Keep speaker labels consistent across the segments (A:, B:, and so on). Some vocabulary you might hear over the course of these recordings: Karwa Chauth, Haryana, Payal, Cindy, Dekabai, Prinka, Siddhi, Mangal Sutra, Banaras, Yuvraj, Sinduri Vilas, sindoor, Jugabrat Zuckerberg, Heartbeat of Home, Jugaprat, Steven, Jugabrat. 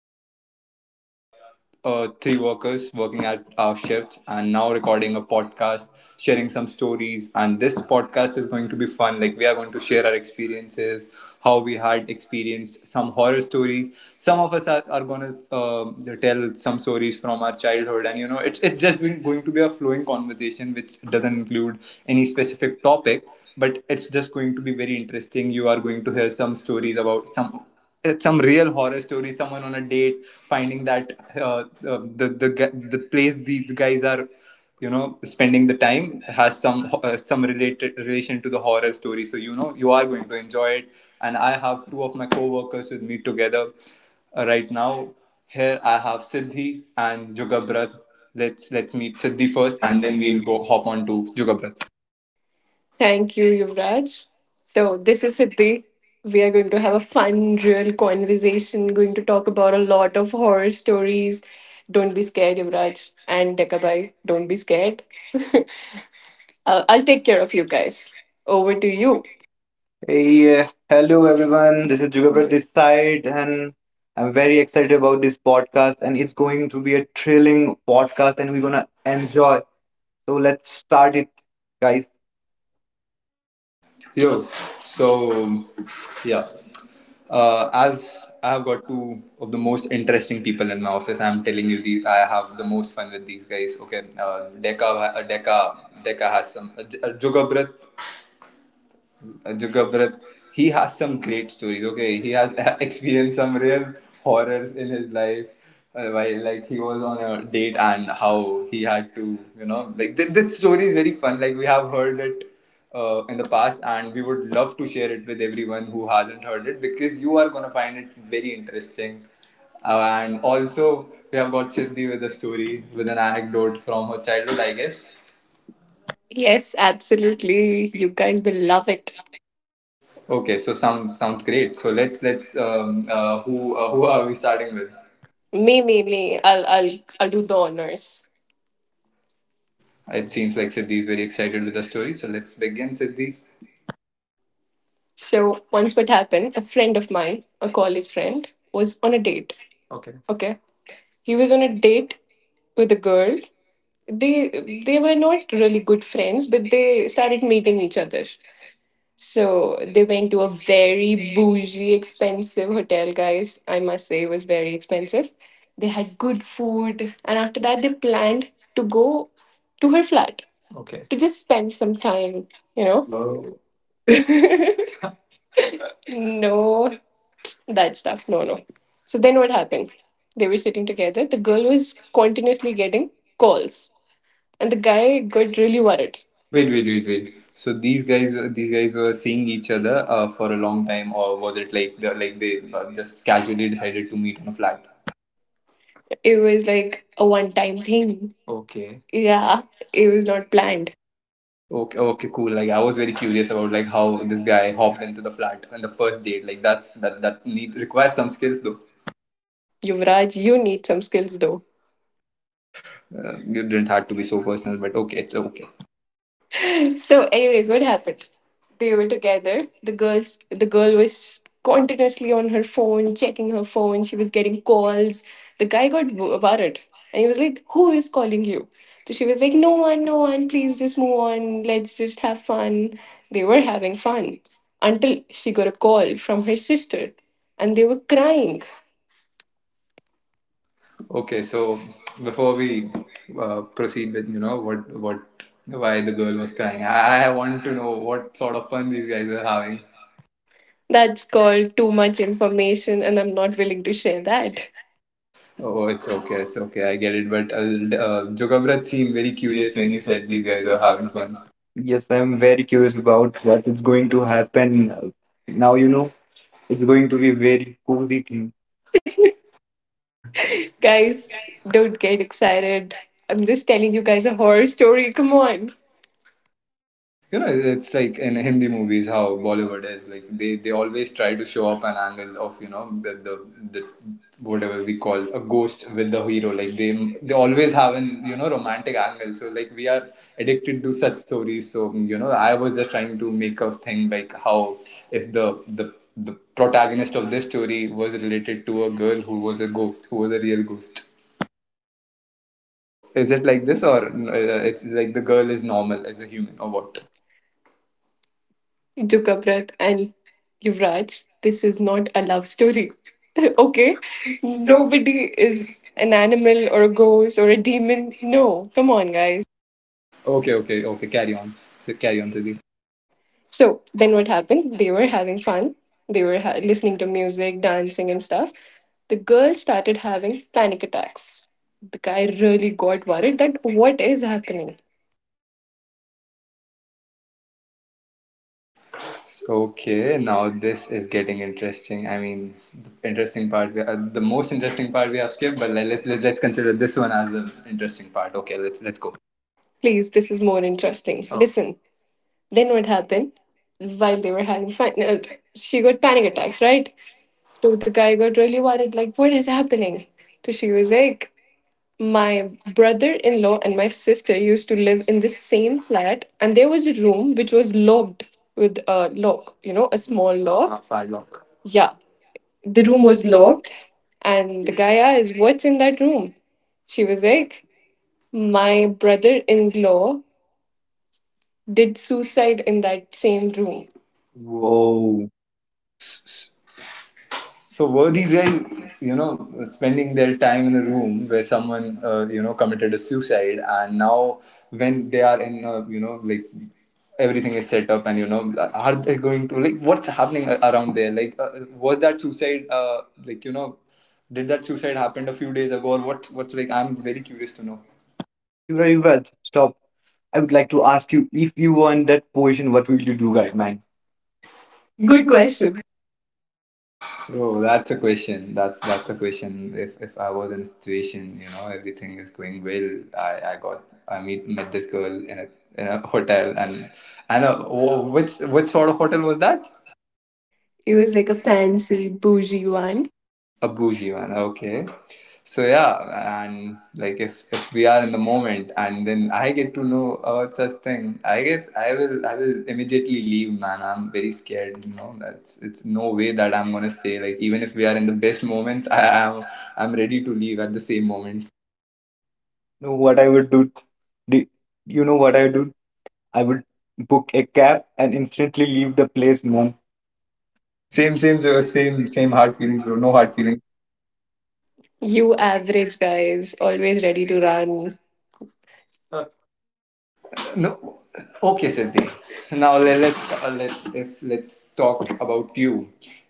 A: are. We are three workers working at our shifts and now recording a podcast, sharing some stories. And this podcast is going to be fun. Like, we are going to share our experiences, how we had experienced some horror stories. Some of us are going to tell some stories from our childhood. And, it's just been going to be a flowing conversation which doesn't include any specific topic. But it's just going to be very interesting. You are going to hear some stories about some real horror story, someone on a date finding that the place these guys are spending the time has some related relation to the horror story, so you are going to enjoy it. And I have two of my co-workers with me together. Right now here I have Siddhi and Jugabrat. Let's meet Siddhi
B: First
A: first,
B: and
A: and
B: then
A: then we'll
B: we'll
A: go hop on to Jugabrat.
C: Thank you, Yuvraj. So, this is Siddhi. We are going to have a fun, real conversation, going to talk about a lot of horror stories. Don't be scared, Yuvraj. And Dekabai, don't be scared. I'll take care of you guys. Over
B: go
C: to
B: to you.
C: you.
B: Hey, hello everyone. This is Jugabrat this side, and I'm very excited about this podcast. And it's going to be a thrilling podcast, and we're gonna enjoy. So let's start it, guys.
A: Yo, so yeah, as I have got two of the most interesting people in my office, I'm telling you, these I have the most fun with these guys. Okay, Deka has some. Jugabrat Zuckerberg, he has some great stories. Okay, he has experienced some real horrors in his life. While like he was on a date and how he had to, like this story is very fun. Like we have heard it in the past, and we would love to share it with everyone who hasn't heard it, because you are gonna find it very interesting. And also, we have got Siddhi with a story, with an anecdote from her childhood, I guess.
C: Yes, absolutely. You guys will love it.
A: Okay, so sounds great. So let's who are we starting with?
C: Me, me, me. I'll do the honors.
A: It seems like Siddhi is very excited with the story. So let's begin, Siddhi.
C: So, once what happened, a friend of mine, a college friend, was on a date. Okay. Okay. He was on a date with a girl. They they were not really good friends, but they started meeting each other. So they went to a very bougie, expensive hotel, guys. I must say it was very expensive. They had good food, and after that they planned to go to her flat. Okay. To just spend some time,
B: You
C: you
B: know,
C: know?
B: whoa. I
C: No, that stuff. No, no. So then what happened? They were sitting together. The girl was continuously getting calls. And the guy got really worried.
A: Wait,
C: Wait,
A: wait,
C: wait,
A: wait,
C: wait, wait.
A: wait. So these guys were seeing each other for a long time, or was it like like they just casually decided to meet on a flat?
C: It was like a one time thing. Okay. Yeah, it was not planned.
A: Okay, okay, cool. Like I was very curious about like how this guy hopped into the flat on the first date. Like that's that that need required some skills though.
C: Yuvraj, you need some skills though.
A: You didn't have to be so personal, but okay, it's okay.
C: So, anyways, what happened? They were together, the girl was continuously on her phone, checking her phone. She was getting calls. The guy got worried, and he was like, who is calling you? So she was like, no one, no one, please, just move on, let's just have fun. They were having fun until she got a call from her sister, and they were crying.
A: Okay, so before we proceed with you know what why the girl was crying, I want to know what sort of fun these guys are having.
C: That's called too much information, and I'm not willing to share that.
A: Oh, it's okay, I get it. But Jugabrat
B: was
A: seemed very
B: very curious
A: curious
B: when
A: when
B: you
A: you
B: said
A: said
B: these
A: these
B: guys
A: guys are
B: are having
A: having
B: fun.
A: fun.
B: Yes, I'm very curious about what is going to happen. Now you know it's going to be very cozy thing.
C: Guys,
A: Guys,
C: don't get excited. I'm just telling you guys a horror story, come on.
A: it's like in Hindi movies how Bollywood is like they always try to show up an angle of the whatever we call a ghost with the hero. Like they always have an romantic angle. So like we are addicted to such stories. So I was just trying to make a thing like how if the protagonist of this story was related to a girl who was a ghost, who was a real ghost. So is it like this, or it's like the girl is normal as a human, or what?
C: What? You took a breath and Yuvraj, this is not a love story. Okay? Nobody is an animal or a ghost or a demon. No, come on, guys.
A: Okay, okay, okay. Carry on. So carry on, Sudhi.
C: So then what happened? They were having fun. They were listening to music, dancing, and stuff. The girl started having panic attacks. The guy really got worried, that what is happening?
A: Okay, now this is getting interesting. I mean, the interesting part, the most interesting part we have skipped, but let's consider this one as the interesting part. Okay, let's go.
C: Please, this is more interesting. Oh. Listen. Then what happened? While they were having fun, she got panic attacks, right? So the guy got really worried, like, what is happening? So she was like, my brother in law and my sister used to live in the same flat, and there was a room which was locked with a lock, you know, a small lock. A padlock. Yeah. The room was locked, and the guy asked, what's in that room? She was like, my brother in law did suicide in that same room. Whoa.
B: Whoa.
A: So were these guys, you know, spending their time in a room where someone, you know, committed a suicide, and now when they are you know, like everything is set up, and you know, are they going to like what's happening around there? Like, was that suicide, like did that suicide happened a few days ago, or what? What's like? I'm very curious to know.
B: Yuvraj, stop. I would like to ask you if you were in that position, what would you do, guy man? Good
C: Good
B: question.
C: question.
A: Bro, that's a question. That's a question. If I was in a situation, you know, everything is going well. I got I meet met this girl in a, in a hotel, and a, wh- which sort of hotel was that?
B: It
C: It
B: was
C: was
B: like
C: like
B: a
C: a
B: fan.
C: fancy, bougie one.
A: A bougie one, okay. So yeah, and like if we are in the moment and then I get to know about such thing, I guess I will immediately leave, man. I'm very scared. That's it's no way that I'm gonna stay. Like even if we are in the best moments, I am I'm ready to leave at the same moment.
B: Know what I would do? Do you know what I would do? I would book a cab and instantly leave the place, man.
A: Same
B: Same,
A: same
B: same,
A: same
B: same, same
A: same
B: hard
A: hard
B: feeling,
A: feelings,
B: bro.
A: bro. No
B: No hard
A: hard feelings.
B: feeling.
C: You average guys, always ready to run. That
A: No. Okay, Siddhi. Now let's talk about you.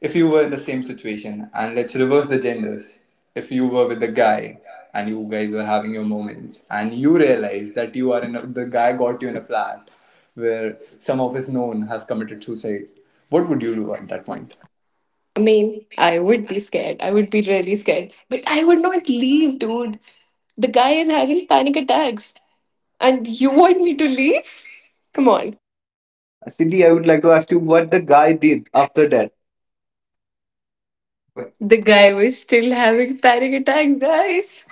A: If you were in the same situation, and let's reverse the genders. If you were with the guy, and you guys were having your moments, and you realize that you are the guy got you in a flat where some of his known has committed suicide, what would you do at that point?
C: point. I mean, I would be scared. I would be really scared. But I would not leave, dude. The guy is having panic attacks. And you want me to leave? Come on.
B: Cindy, I would like to ask you what the guy did after that. The
C: The
B: guy.
C: guy was still having panic attacks, guys.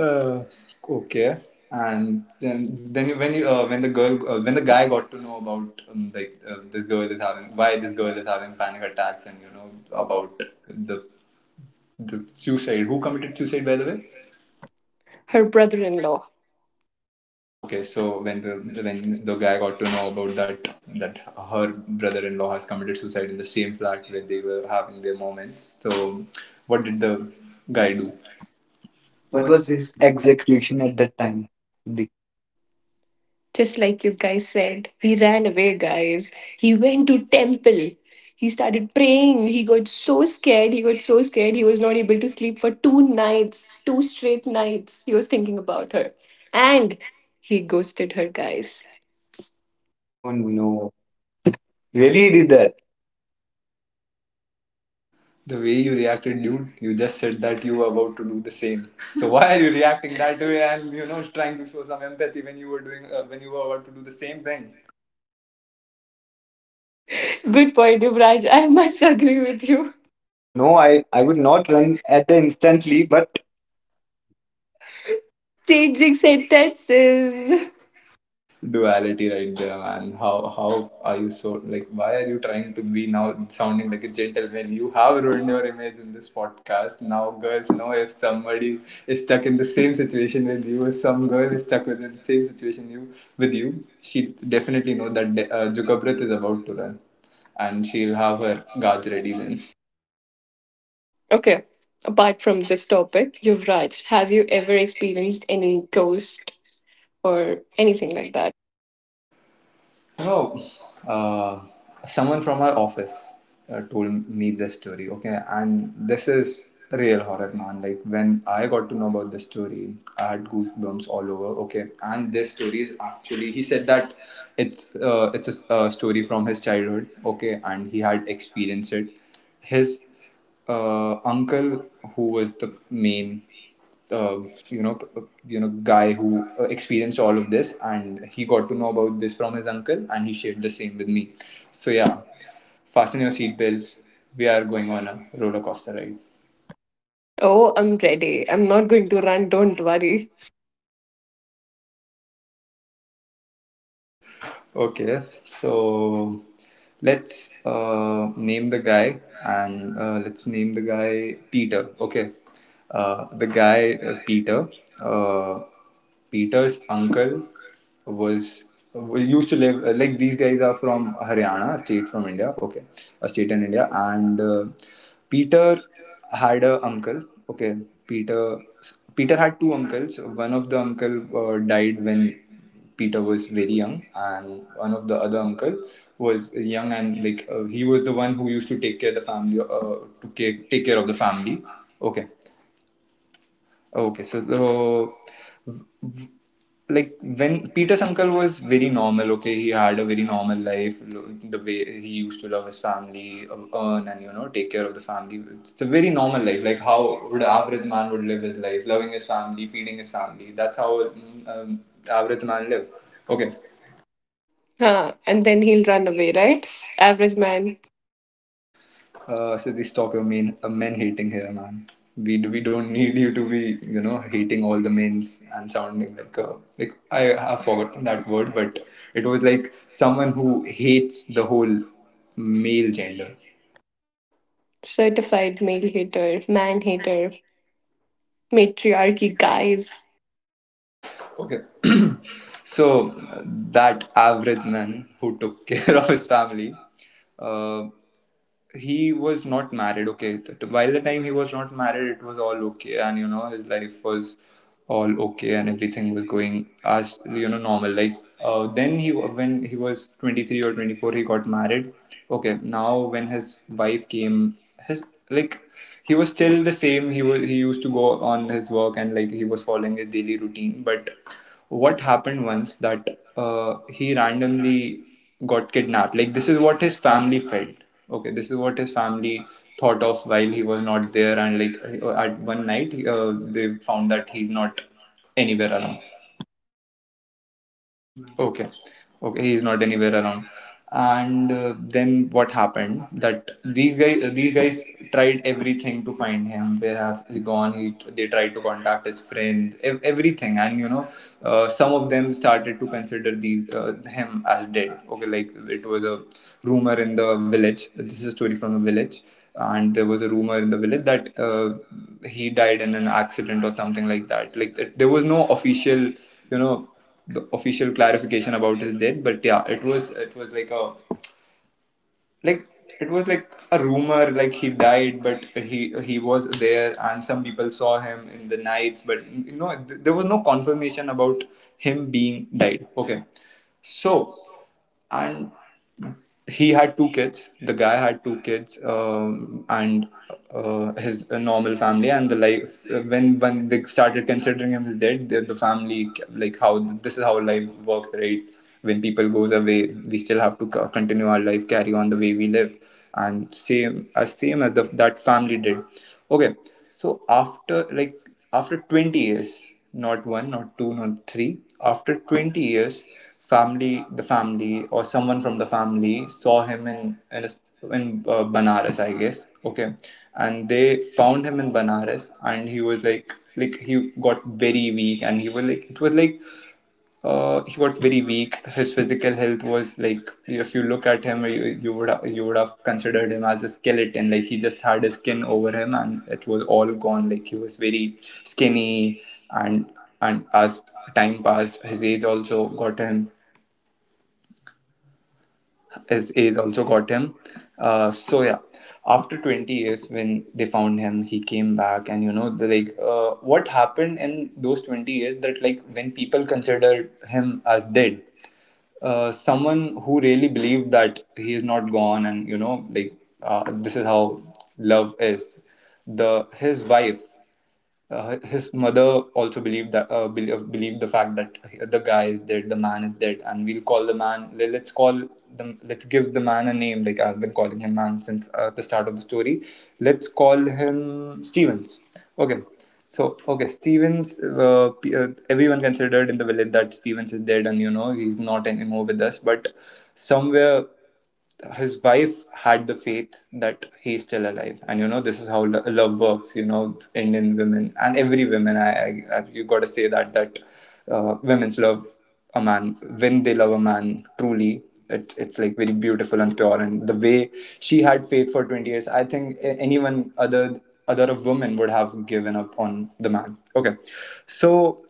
A: Uh, okay. And then you when the girl when the guy got to know about like this girl is having why this girl is having panic attacks, and you
B: You
A: know
B: know about.
A: about the suicide, who committed suicide, by the way.
C: Her brother in law.
A: Okay, so when the guy got to know about that her brother-in-law has committed suicide in the same flat where they were having their moments. So what did the guy do?
B: What
C: What
B: was
C: was
B: his
C: his exact?
B: execution at that time? The.
C: Just like you guys said, he ran away, guys. He went to temple. He started praying. He got so scared. He got so scared. He was not able to sleep for 2 nights, 2 straight nights. He was thinking about her. And he ghosted her, guys.
B: Oh no, really he did that?
A: The way you reacted, dude, you just said that you were about to do the same. So why are you reacting that way and trying to show some empathy when you were doing when you were about to do the same thing?
C: Good point, Yuvraj. I must agree with you.
B: No, I would not run at the instantly, but
C: Changing sentences.
A: Duality right there, man. How are you so, like, why are you trying to be now sounding like a gentleman? You have ruined your image in this podcast. Now girls know if somebody is stuck in the same situation with you, if some girl is stuck within the same situation you with you, she definitely know that Jugabrath is about to run, and she'll have her guards ready then.
C: Okay, apart from this topic, Yuvraj, have you ever experienced any ghost or anything like that?
A: No, uh, someone from our office told me this story. Okay, and this is real horror, man. Like when I got to know about this story, I had goosebumps all over. Okay, and this story is actually he said that it's a story from his childhood. Okay, and he had experienced it. His uncle, who was the main uh, you know p- guy who experienced all of this, and he got to know about this from his uncle, and he shared the same with me. So yeah, fasten your seatbelts, we are going on a roller coaster ride.
C: Oh, I'm ready. I'm not going to run, don't worry.
A: Okay, so let's name the guy Peter. Okay, the guy, Peter. Uh, Peter's uncle was used to live, like these guys are from Haryana, a state from India. Okay, a state in India, and Peter had a uncle. Okay, Peter Peter had two uncles. One of the uncle died when Peter was very young, and one of the other uncle was young, and like he was the one who used to take care of the family, take care of the family. Okay, okay. So, uh, like when Peter's uncle was very normal. Okay, he had a very normal life, the way he used to love his family, earn and take care of the family. It's a very normal life, like how would average man would live his life, loving his family, feeding his family. That's how average man live. Okay.
C: Huh. And then he'll run away, right? Average man,
A: Siddhi, stop your main men hating here, man. We don't need you to be hating all the mains and sounding like a like, I have forgotten that word, but it was like someone who hates the whole male gender.
C: certified male hater, man hater, matriarchy guys.
A: Okay, so that average man who took care of his family. Uh, he was not married. Okay While the time he was not married, it was all okay, and you know his life was all okay and everything was going as you know normal, like then he when he was 23 or 24, he got married. Okay, now when his wife came, his like he was still the same. He used to go on his work, and like he was following his daily routine. But what happened once that he randomly got kidnapped, like this is what his family felt. Okay, this is what his family thought of while he was not there. And like at one night, they found that he's not anywhere around. Okay. Okay, he is not anywhere around. And then what happened that these guys tried everything to find him. Where has he gone? He They tried to contact his friends, everything, and you know some of them started to consider these him as dead. Okay, like it was a rumor in the village. This is a story from the village. And there was a rumor in the village that he died in an accident or something like that. Like there was no official, you know, the official clarification about his death. But yeah, it was, like a, like it was like a rumor, like he died. But he was there, and some people saw him in the nights. But you know, there was no confirmation about him being died. Okay. So, and he had two kids. The guy had two kids. And his normal family and the life, when they started considering him as dead, the family, like, how, this is how life works, right? When people goes away, we still have to continue our life, carry on the way we live. And same as that family did. Okay. So after like, after 20 years, not one, not two, not three, after 20 years, family the family or someone from the family saw him in in Banaras, I guess. Okay. And they found him in Banaras, and he was like, he got very weak. And he was like it was like he got very weak. His physical health was like, if you look at him, you would you would have considered him as a skeleton. Like he just had his skin over him, and it was all gone. Like he was very skinny. And and as time passed, his age also got him. His age also got him. So yeah, after 20 years when they found him, he came back. And you know, the like what happened in those 20 years, that like when people considered him as dead, someone who really believed that he is not gone. And you know, like, this is how love is. The His wife, his mother also believed that believed the fact that the guy is dead, the man is dead, and we'll call the man. Let's call them. Let's give the man a name. Like I've been calling him man since the start of the story. Let's call him Stevens. Okay. So okay, Stevens. Everyone considered in the village that Stevens is dead, and you know he's not anymore with us. But somewhere his wife had the faith that he's still alive. And you know this is how love works. You know, Indian women and every woman, I you gotta say that women's love a man. When they love a man truly, it's like very beautiful and pure. And the way she had faith for 20 years, I think anyone other, a woman would have given up on the man. Okay. So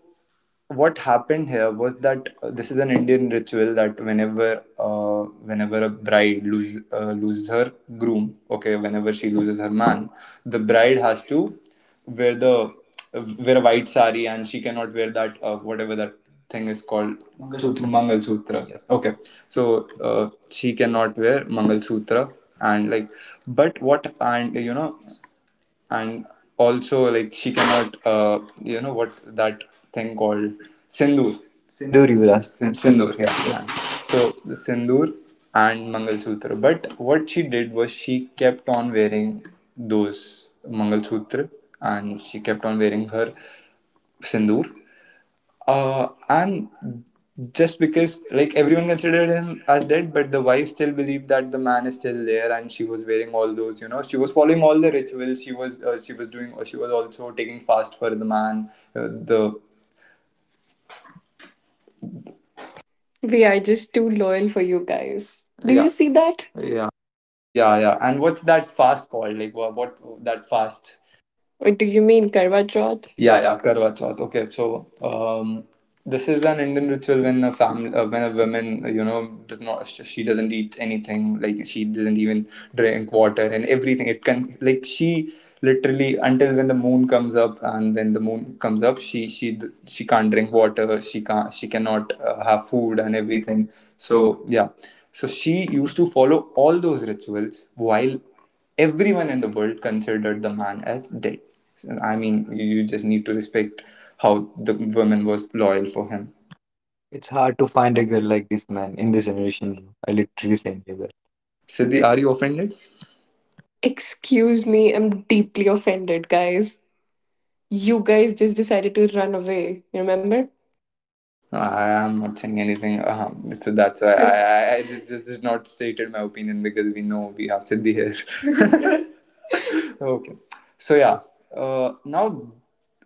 A: what happened here was that, this is an Indian ritual, that whenever, whenever a bride loses her groom, okay, whenever she loses her man, the bride has to wear the wear a white sari. And she cannot wear that, whatever that thing is called,
B: Mangalsutra,
A: Mangal Sutra.
B: Mangalsutra. Yes.
A: Okay,
B: Okay.
A: so she cannot wear Mangal Sutra. and like, but what and you know And also, like, she cannot, you know what that thing called, sindoor.
B: Sinduri Vilas. Then
A: Sindoor,
B: Sindoor,
A: yeah,
B: yeah.
A: man. So the sindoor and mangalsutra, but what she did was she kept on wearing those mangalsutra, and she kept on wearing her sindoor. And just because like everyone considered him as dead. But the wife still believed that the man is still there, and she was wearing all those. You know, she was following all the rituals. She was doing. She was also taking fast for the man. Uh, the
C: We are just too loyal for you guys. Do Yeah, you Yeah, see that? Yeah.
A: Yeah, yeah. And what's that fast called? Like what, that fast?
C: Or do you mean Karwa Chauth?
A: Yeah,
C: Yeah, yeah.
A: yeah, Karwa Chauth. Okay, so this is an Indian ritual when when a woman, you know, does not she doesn't eat anything, like she doesn't even drink water and everything. It can like She literally, until when the moon comes up. And when the moon comes up, she can't drink water. She cannot have food
B: Food
A: and
B: and
A: everything.
B: everything. So,
A: So, yeah. So she used to follow all those rituals while everyone in the world considered the man as dead. So, I mean, you just need to respect how the woman was loyal for him.
B: it's hard to find a girl like this man in this generation. I literally saying that.
A: Siddhi,
B: Siddhi-
A: are you offended?
C: Excuse me, I'm deeply offended, guys. You guys just decided to run away, you remember?
A: I am not saying anything. So that's why I just not stated my opinion, because we know we have Siddhi here. Okay, so yeah, now,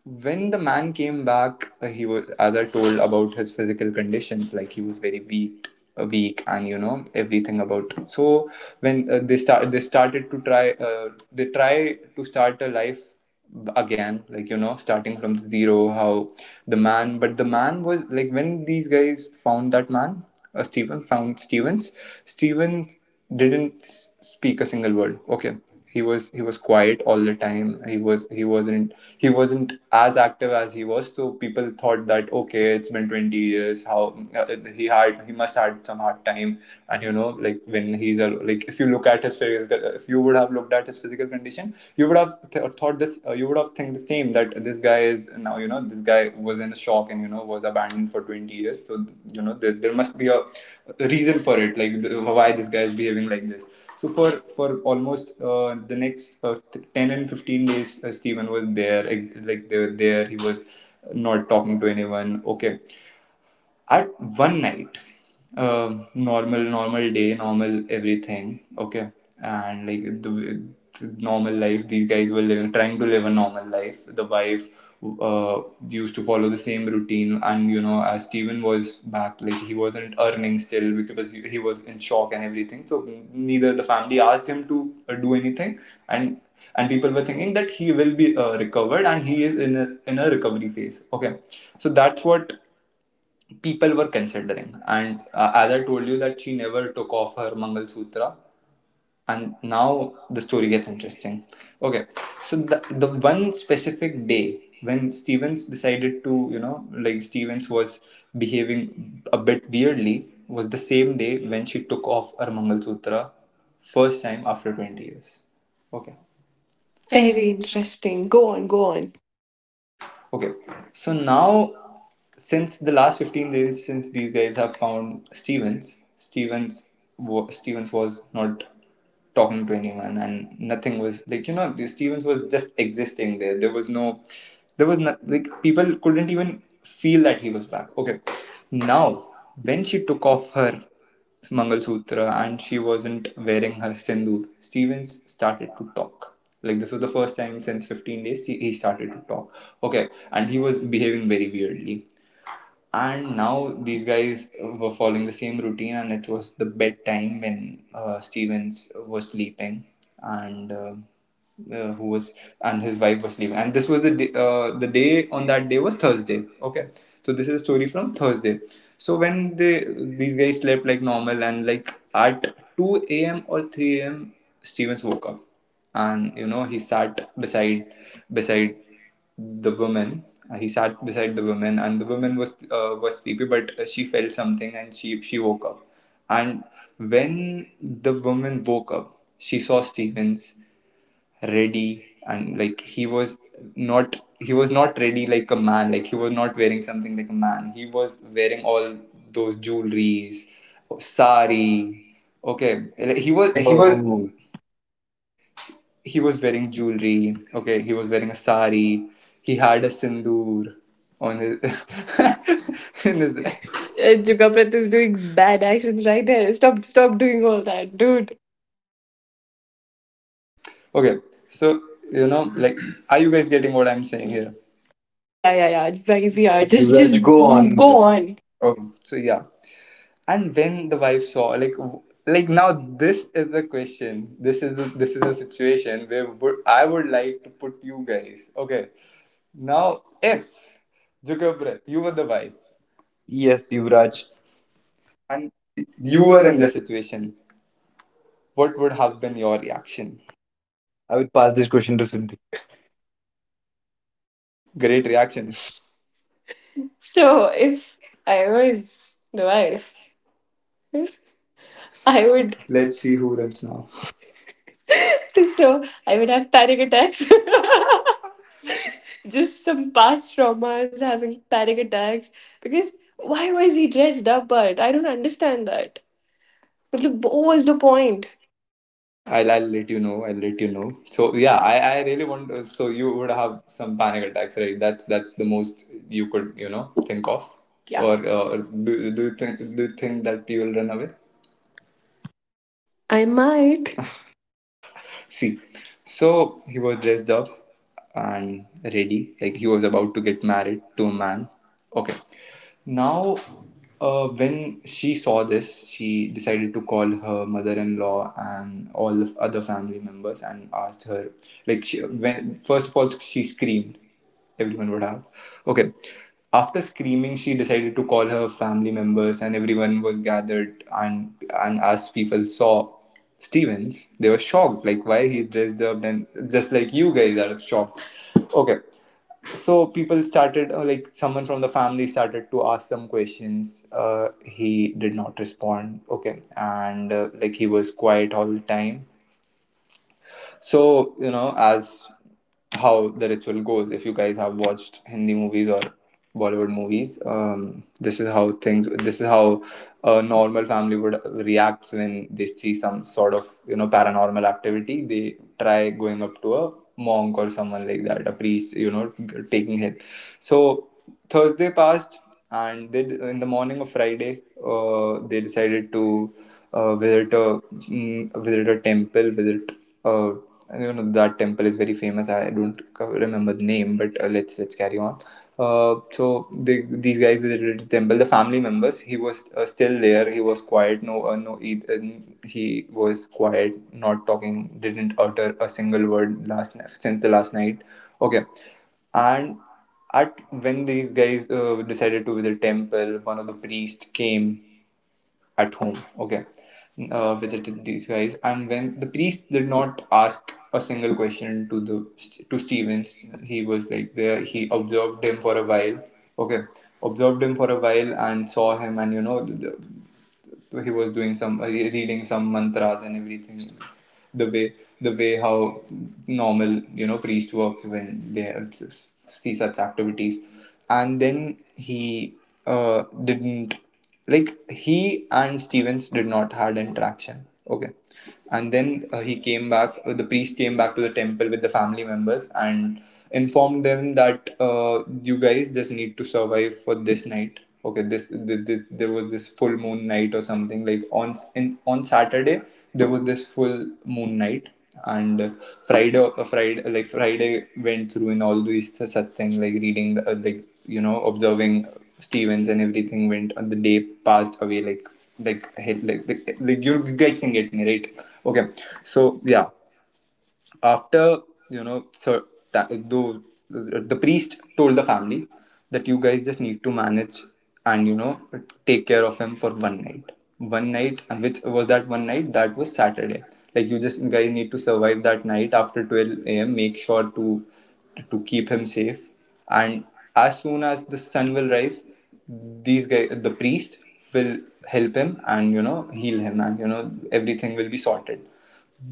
A: when the man came back, he was, as I told, about his physical conditions, like he was very weak, weak. And you know everything about. So when they started to try, they try to start a life again, like, you know, starting from zero, how the man but the man was like, when these guys found that man, Stephen found Stevens. Stephen didn't speak a single word. Okay. He was quiet all the time. He wasn't as active as he was. So people thought that, okay, it's been 20 years. How, he must had some hard time. And you know, like, when he's a like if you look at his physical, if you would have looked at his physical condition, you would have thought this, you would have think the same, that this guy is now, you know, this guy was in a shock, and you know, was abandoned for 20 years. So you know, there must be a reason for it, like, why this guy is behaving like this. So for almost, the next, 10 and 15 days, Stephen was there. Like they were there, he was not talking to anyone. Okay. At one night, normal day, normal everything. Okay. And like, the normal life, these guys were living, trying to live a normal life. The wife uh, used to follow the same routine. And you know, as Steven was back, like he wasn't earning still, because he was in shock and everything. So neither the family asked him to do anything. And and people were thinking that he will be recovered, and he is in a recovery phase. Okay. So that's what people were considering. And as I told you that she never took off her mangal sutra. And now the story gets interesting. Okay. So the one specific day, when Stevens decided to, you know, Stevens was behaving a bit weirdly, was the same day when she took off her mangal sutra, first time after 20 years. Okay. Fair.
C: Very interesting. Go on, go on.
A: Okay, so now, since the last 15 days, since these guys have found Stevens, Stevens was not talking to anyone, and nothing was like, you know, Stevens was just existing there. There was no, there was not like, people couldn't even feel that he was back. Okay, now when she took off her Mangalsutra, and she wasn't wearing her sindoor, Stevens started to talk. Like this was the first time since 15 days he started to talk. Okay, and he was behaving very weirdly. And now these guys were following the same routine. And it was the bedtime when Stevens was sleeping, and who was and his wife was sleeping. And this was the day, on that day was Thursday. Okay, so this is a story from Thursday. So when they these guys slept like normal, and like at 2 a.m. or 3 a.m., Stevens woke up. And you know, he sat beside, beside the woman. He sat beside the woman, and the woman was sleepy. But she felt something, and she woke up. And when the woman woke up, she saw Stevens ready. And like, he was not ready like a man. Like he was not wearing something like a man. He was wearing all those jewelries, sari. Okay, like,
B: he was, he was, oh,
A: he was wearing jewelry. Okay, he was wearing a sari. He had a sindoor on his in his.
C: Jugaprat is doing bad actions right there. Stop, stop doing all that, dude.
A: Okay, so you know, like, are you guys getting what I'm saying here?
C: Yeah, yeah, yeah. Right, we
B: yeah,
C: are
B: yes, just,
C: just,
B: Yuvraj, just
C: just
B: go
C: go on.
B: on. Go just-
C: Go
B: on.
C: on.
A: Okay,
B: Okay.
A: so yeah, and when the wife saw, like, like now this is the question. This is the situation where would, I would like to put you guys. Okay, now if Jugabrat, you were the wife.
B: Yes,
A: Yes, Yuvraj.
B: Yuvraj. And
A: You
B: you were
A: were in
B: in this,
A: this situation. What would have been your reaction?
B: I would pass this question to Siddhi.
A: Great reaction.
C: Action. So if I was the wife,
A: I
C: I
A: would.
C: would.
A: Let's
C: Let's
A: see
C: see who
A: who runs
C: wins
A: now.
C: now. So I would have panic attacks. Just some past traumas, having panic attacks. Because why was he dressed up? But I don't understand that. But what was the point?
A: I'll let you know. I'll let you know. So yeah, I really want. To, so you would have some panic attacks, right? That's the most you could think of. Yeah. Or do you think that you will run away?
C: I might.
A: See, so he was dressed up and ready, like he was about to get married to a man. Okay, now, when she saw this, she decided to call her mother-in-law and all of other family members and asked her. Like, she, when first of all, she screamed. Everyone would have. Okay. After screaming, she decided to call her family members, and everyone was gathered. And as people saw Stevens, they were shocked. Like, why he dressed up and just like you guys are shocked. Okay, so people started like someone from the family started to ask some questions, he did not respond. Okay, and like he was quiet all the time. So, you know, as how the ritual goes, if you guys have watched Hindi movies or Bollywood movies, this is how a normal family would react when they see some sort of, you know, paranormal activity. They try going up to a monk or someone like that, a priest, you know, taking help. So, Thursday passed, and they, in the morning of Friday, they decided to visit a visit a temple, visit a and you know that temple is very famous. I don't remember the name, but let's carry on. So they, these guys visited the temple, the family members. He was still there. He was quiet, no, no, he was quiet, not talking, didn't utter a single word since the last night. Okay, and at when these guys decided to visit temple, one of the priests came at home. Okay, visited these guys, and when the priest did not ask a single question to the to Stevens, he was like there. He observed him for a while. Okay, observed him for a while and saw him, and you know, he was doing some reading some mantras and everything, the way how normal, you know, priest works when they see such activities. And then he didn't, like he and stevens did not had interaction. Okay, and then he came back, the priest came back to the temple with the family members and informed them that you guys just need to survive for this night. Okay, th th there was this full moon night or something, like on s- in on Saturday there was this full moon night. And Friday went through in all these such things, like reading the, like you know observing Stevens and everything went, and the day passed away, like like you guys can get me, right? Okay, so yeah, after you know, so ta- the, the priest told the family that you guys just need to manage and you know take care of him for one night. One night, and which was that one night? That was Saturday. Like you just guys need to survive that night. After 12 a.m., make sure to keep him safe. And as soon as the sun will rise, these guys, the priest, will help him and you know heal him, and you know everything will be sorted.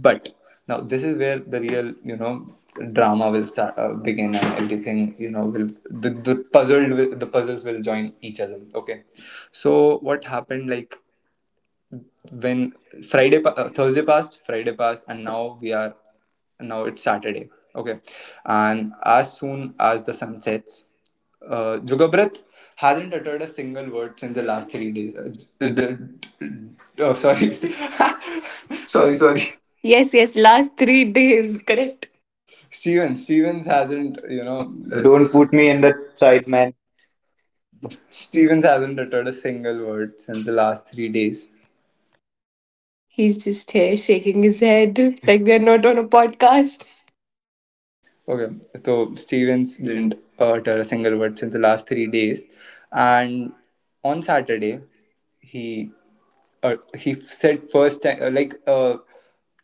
A: But now this is where the real, you know, drama will start, begin, and everything, you know, will the puzzles will join each other. Okay, so what happened, like when Thursday passed, Friday passed, and now we are now it's Saturday. Okay, and as soon as the sun sets, Jugabrat hasn't uttered a single word since the last three
B: Yeah,
A: days.
B: it's- it-
A: Oh, sorry,
C: Sorry, sorry.
A: sorry.
C: Yes, yes, last 3 days, correct?
A: Stevens. Stevens hasn't you know
B: Don't put me in that side, man.
A: Stevens hasn't uttered a single word since the last 3 days.
C: He's just here shaking his head like we are not on a podcast.
A: Okay, so
B: Steven
A: Stevens didn't
B: didn't.
A: utter a single word since the last 3 days, and on Saturday he said first time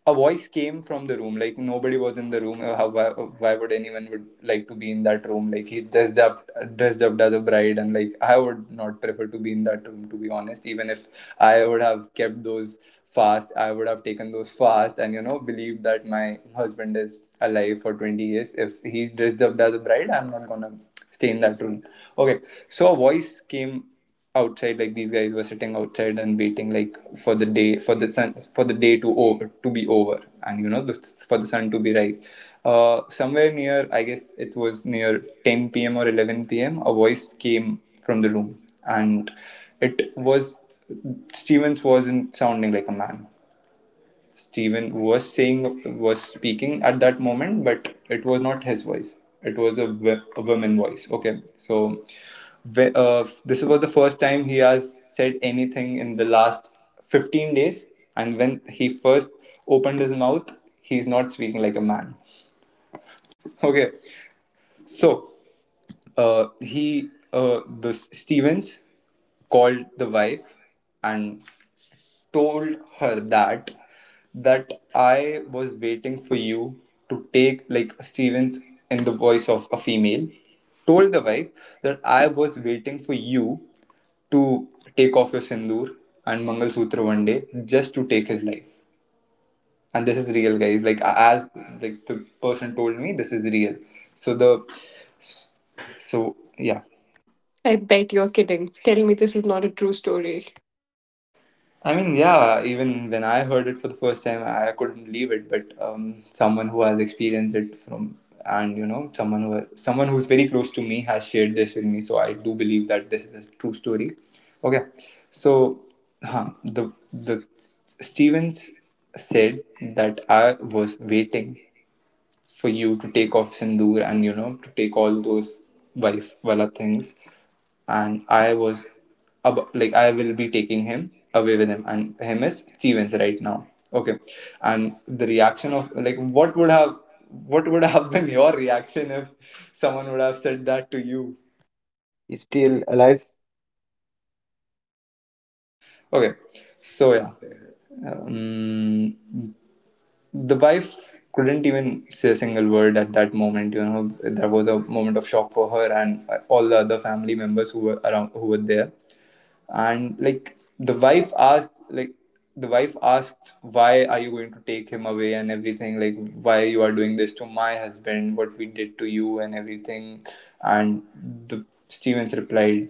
A: a voice came from the room, like nobody was in the room. Why would anyone would like to be in that room? Like he dressed up, as a bride, and like I would not prefer to be in that room, to be honest. Even if I would have kept those fast, I would have taken those fast and you know believed that my husband is alive for 20 years. If he's dressed up as a bride, I'm not gonna stay in that room. Okay, so a voice came outside. Like these guys were sitting outside and waiting, like for the day, for the sun, for the day to over to be over, and you know for the sun to be rise. Somewhere near, I guess it was near 10 p.m. or 11 p.m., a voice came from the room, and it was Stevens wasn't sounding like a man. Steven was saying, was speaking at that moment, but it was not his voice. It was a, a woman voice. Okay, so ve- uh, this was the first time he has said anything in the last 15 days, and when he first opened his mouth, he's not speaking like a man. Okay, so he the Stevens called the wife and told her that I was waiting for you to take, like Stevens in the voice of a female, told the wife that I was waiting for you to take off your sindoor and Mangal Sutra one day just to take his life. And this is real, guys. Like the person told me, this is real. So the so yeah.
C: I bet you're kidding. Tell me this is not a true story.
A: I mean, yeah, even when I heard it for the first time, I couldn't believe it. But someone who has experienced it from, and you know, someone who's very close to me has shared this with me, so I do believe that this is a true story. Okay, so the Stevens said that I was waiting for you to take off sindoor, and you know, to take all those wife wala things. And I was like I will be taking him away with him, and him is Stevens right now. Okay. And the reaction of, like, what would have been your reaction if someone would have said that to you?
B: He's still alive.
A: Okay. So yeah. Um, the wife couldn't even say a single word at that moment. You know, there was a moment of shock for her, and all the other family members who were around, who were there. And like the wife asked, like the wife asked why are you going to take him away and everything, like why you are doing this to my husband, what we did to you and everything. And the Stevens replied,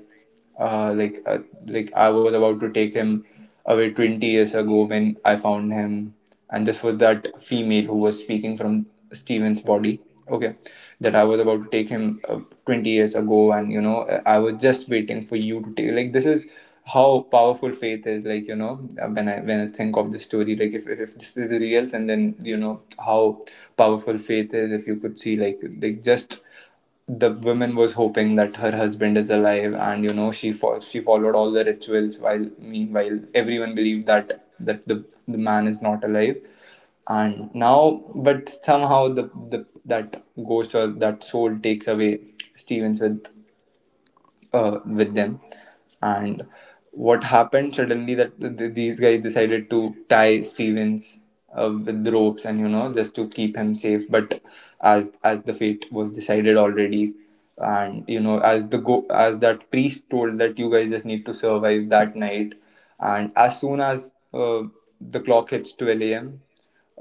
A: uh, like uh, I was about to take him away 20 years ago when I found him. And this was that female who was speaking from Steven's body. Okay, that I was about to take him, 20 years ago, and you know, I was just waiting for you to take. Like this is how powerful faith is. Like you know, when I think of the story, like if this is real, and then you know how powerful faith is. If you could see, just the woman was hoping that her husband is alive, and you know, she followed all the rituals, while meanwhile everyone believed that the man is not alive. And now but somehow the that ghost or that soul takes away Stevens with, with them. And what happened suddenly that these guys decided to tie Stevens with the ropes, and you know just to keep him safe. But as the fate was decided already, and you know as the go as that priest told that you guys just need to survive that night. And as soon as the clock hits 12 a.m.,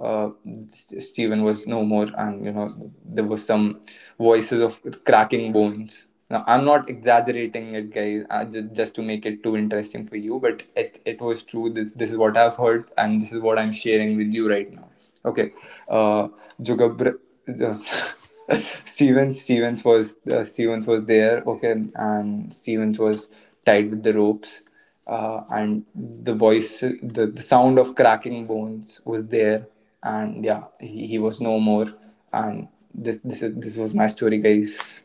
A: uh, Steven was no more, and you know there was some voices of cracking bones. Now I'm not exaggerating it, guys, just to make it too interesting for you, but it was true. This is what I've heard, and this is what I'm sharing with you right now. Okay, uh, Jugabr, just Stevens was Stevens was there. Okay, and Stevens was tied with the ropes, and the sound of cracking bones was there, and yeah, he was no more, and this was my story, guys.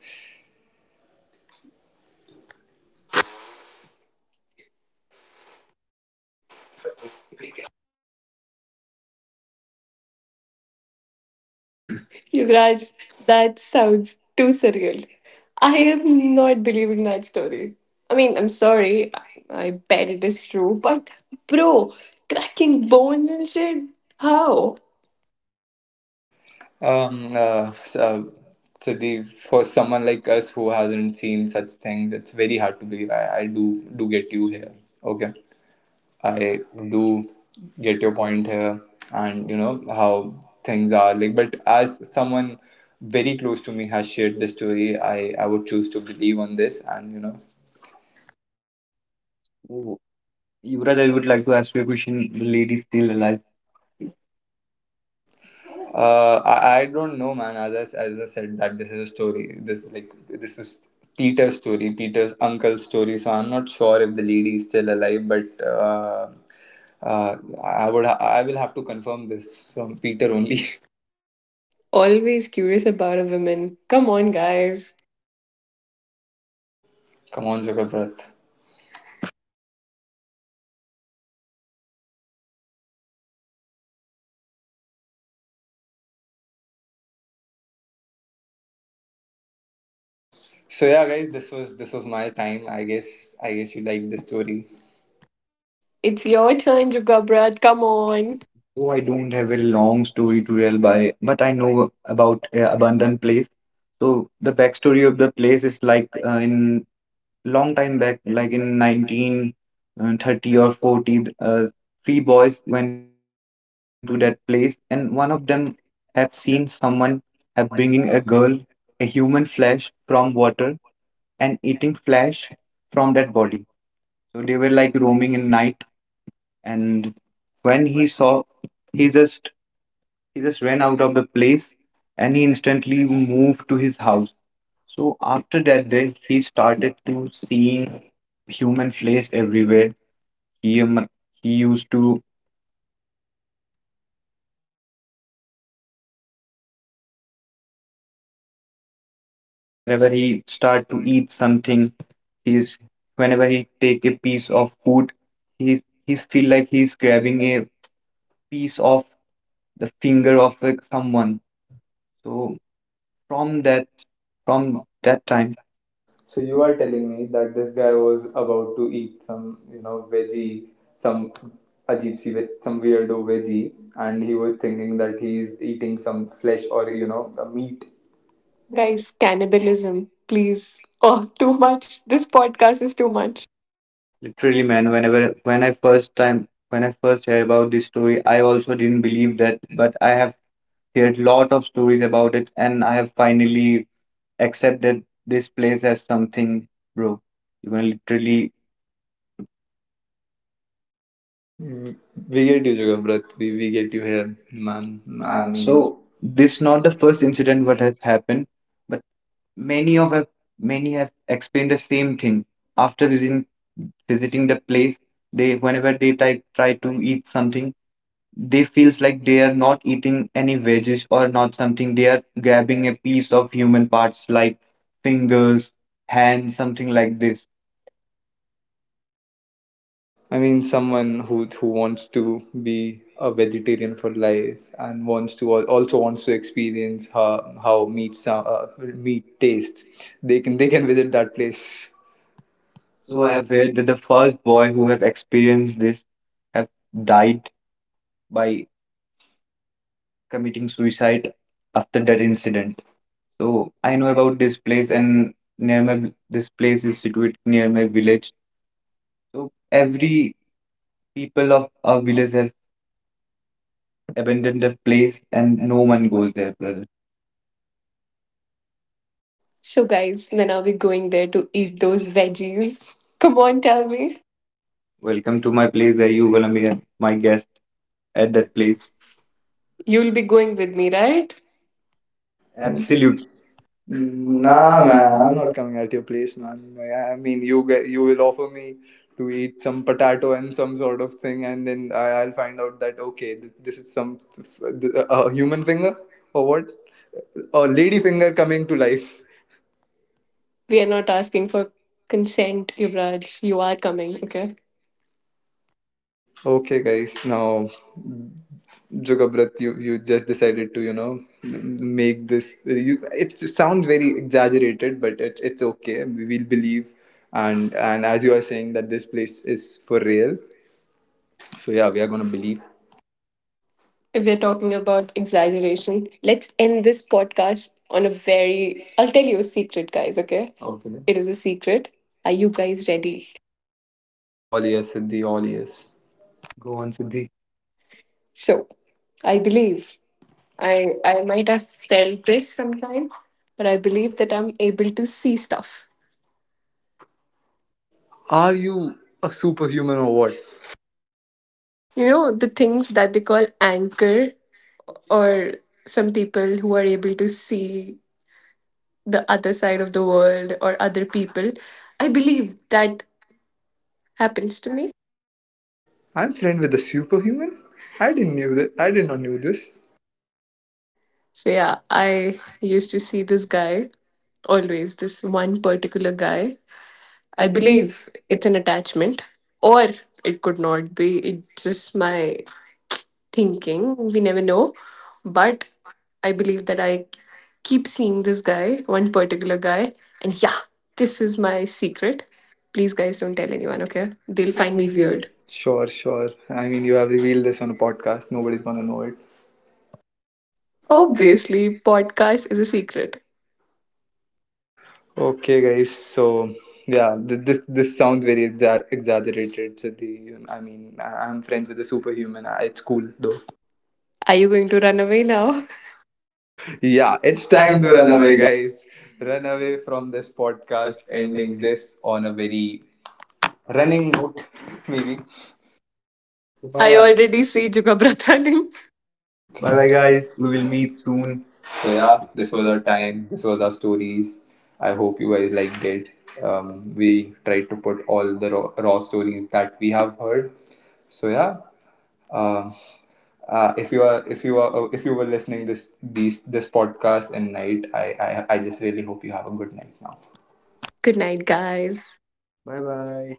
C: Yuvraj, that sounds too surreal. I am not believing that story. I mean, I'm sorry. I bet it is true. But, bro, cracking bones and shit? How?
A: um uh, so, so the for someone like us who hasn't seen such things, it's very hard to believe. I do get you here. Okay, I do get your point here, and you know how things are like. But as someone very close to me has shared this story, I would choose to believe on this, and
B: Yuvraj, I would like to ask you a question. The lady is still alive.
A: I don't know, man. As I said, that this is a story. This is Peter's story, Peter's uncle's story. So I'm not sure if the lady is still alive, but. Uh, I will have to confirm this from Peter only.
C: Always curious about a woman. Come on, guys.
A: Come on, Jagabrat. So yeah, guys, this was my time. I guess you liked the story.
C: It's your turn, Jugabrat. Come
B: Moment.
C: on.
B: So I don't have a long story to tell by, but I know about Abandoned Place. So the backstory of the place is like in long time back, like in 1930 or 40, three boys went to that place, and one of them have seen someone have bringing a girl, a human flesh from water and eating flesh from that body. So they were like roaming in night, and when he saw, he just he just ran out of the place, and he instantly moved to his house. So after that day, he started to seeing human flesh everywhere. He um, he used to. So whenever he start to eat something, he's, whenever he take a piece of food, he's feel like he's grabbing a piece of the finger of, like, someone. So from that from that time.
A: So you are telling me that this guy was about to eat some, you know, veggie, some some weirdo veggie, and he was thinking that he's eating some flesh or, you know, a meat. Guys,
C: Guys, cannibalism, please. Oh, too much. This podcast is too much.
B: Literally, man, when I first heard about this story, I also didn't believe that, but I have heard lot of stories about it, and I have finally accepted this place as something, bro. You can literally.
A: we we get you, Jugabrat. We get you here, man. I
B: Yeah,
A: mean,
B: so
A: so
B: this
A: this not
B: not
A: the
B: the first
A: first incident.
B: incident what has happened, but many of have many have explained the same thing after visiting the place. They whenever they try to eat something, they feels like they are not eating any veggies or not something, they are grabbing a piece of human parts like fingers, hands, something like this.
A: I mean, someone who wants to be a vegetarian for life and wants to also wants to experience how meat tastes. They can visit that place.
B: So
C: So
B: I
C: I
B: have heard that the first boy who have experienced this have died by committing suicide after that incident. So I know about this place, and near my this place is situated near my village. So every people of our village have abandoned the place, and no one goes there, brother.
C: So, guys, when are we going there to eat those veggies? Come on, tell me.
B: Welcome to my place where you gonna be my guest at
C: At
B: that
C: that
B: place.
C: place. You'll be going with me, right?
B: Absolute.
A: Absolutely. Nah,
B: Nah,
A: man, I'm
B: man.
A: not coming at your place, man. Like, I mean, you get you will offer me to eat some potato and some sort of thing, and then I'll find out that, okay, this is some a human finger or what? A lady finger coming to life.
C: We are not asking for consent, Yuvraj. You are coming, okay?
A: Okay, guys. Now, Jugabrat, you just decided to, you know, make this. You, it sounds very exaggerated, but it's okay. We will believe, and as you are saying that this place is for real, so yeah, we are gonna believe.
C: If we're talking about exaggeration, let's end this podcast on a very. I'll tell you a secret, guys, okay? Okay. It is a secret. Are you guys ready?
A: All ears, Siddhi. All ears.
B: Go on, Siddhi.
C: So, I believe I might have felt this sometime, but I believe that I'm able to see stuff.
A: Are you a superhuman or what?
C: You know, the things that they call anchor or some people who are able to see the other side of the world or other people. I believe that happens to me.
A: I'm friend with a superhuman. I didn't knew that. I did not knew this.
C: So yeah, I used to see this guy always, this one particular guy.
B: I
C: I
B: believe
C: believe
B: if
C: it's an attachment, or it could not be. It's just my thinking. We never know. But I believe that I keep seeing this guy, one particular guy, and yeah, this is my secret. Please, guys, don't tell anyone, okay? They'll
A: They'll
B: they'll
A: find
C: find
B: find
A: me
C: me
B: me here.
A: weird.
C: weird.
A: Sure, sure. I mean, you have revealed this on a podcast. Nobody's gonna know it.
B: Obvious.
C: Obviously, podcast is a secret.
A: Okay, guys. So yeah, this sounds very exaggerated. So the I mean, I'm friends with a superhuman. It's cool though.
C: Are you going to run away now?
A: Yeah,
B: Ah,
A: it's
B: it's
A: time
B: time to
A: to run
B: run
A: away,
B: away, guys.
A: guys. Run away from this podcast.
C: Cast
A: Ending
C: ending.
A: this on a very running note, maybe.
B: I bye-bye
C: I
B: already
C: already
B: see.
C: see Jugabra running.
B: Bye bye,
A: Bye
B: guys.
A: guys, we
B: We will
A: will meet
B: meet soon.
A: soon.
B: So,
A: So
B: yeah,
A: yeah,
B: this
A: this was
B: was
A: our
B: our time.
A: time. This was our stories. I hope you guys liked it. We tried to put all the raw stories that we have heard. So yeah, um, if you are if you were listening this podcast in night, I just really hope you have a good night now.
C: Good night, guys.
B: Bye bye.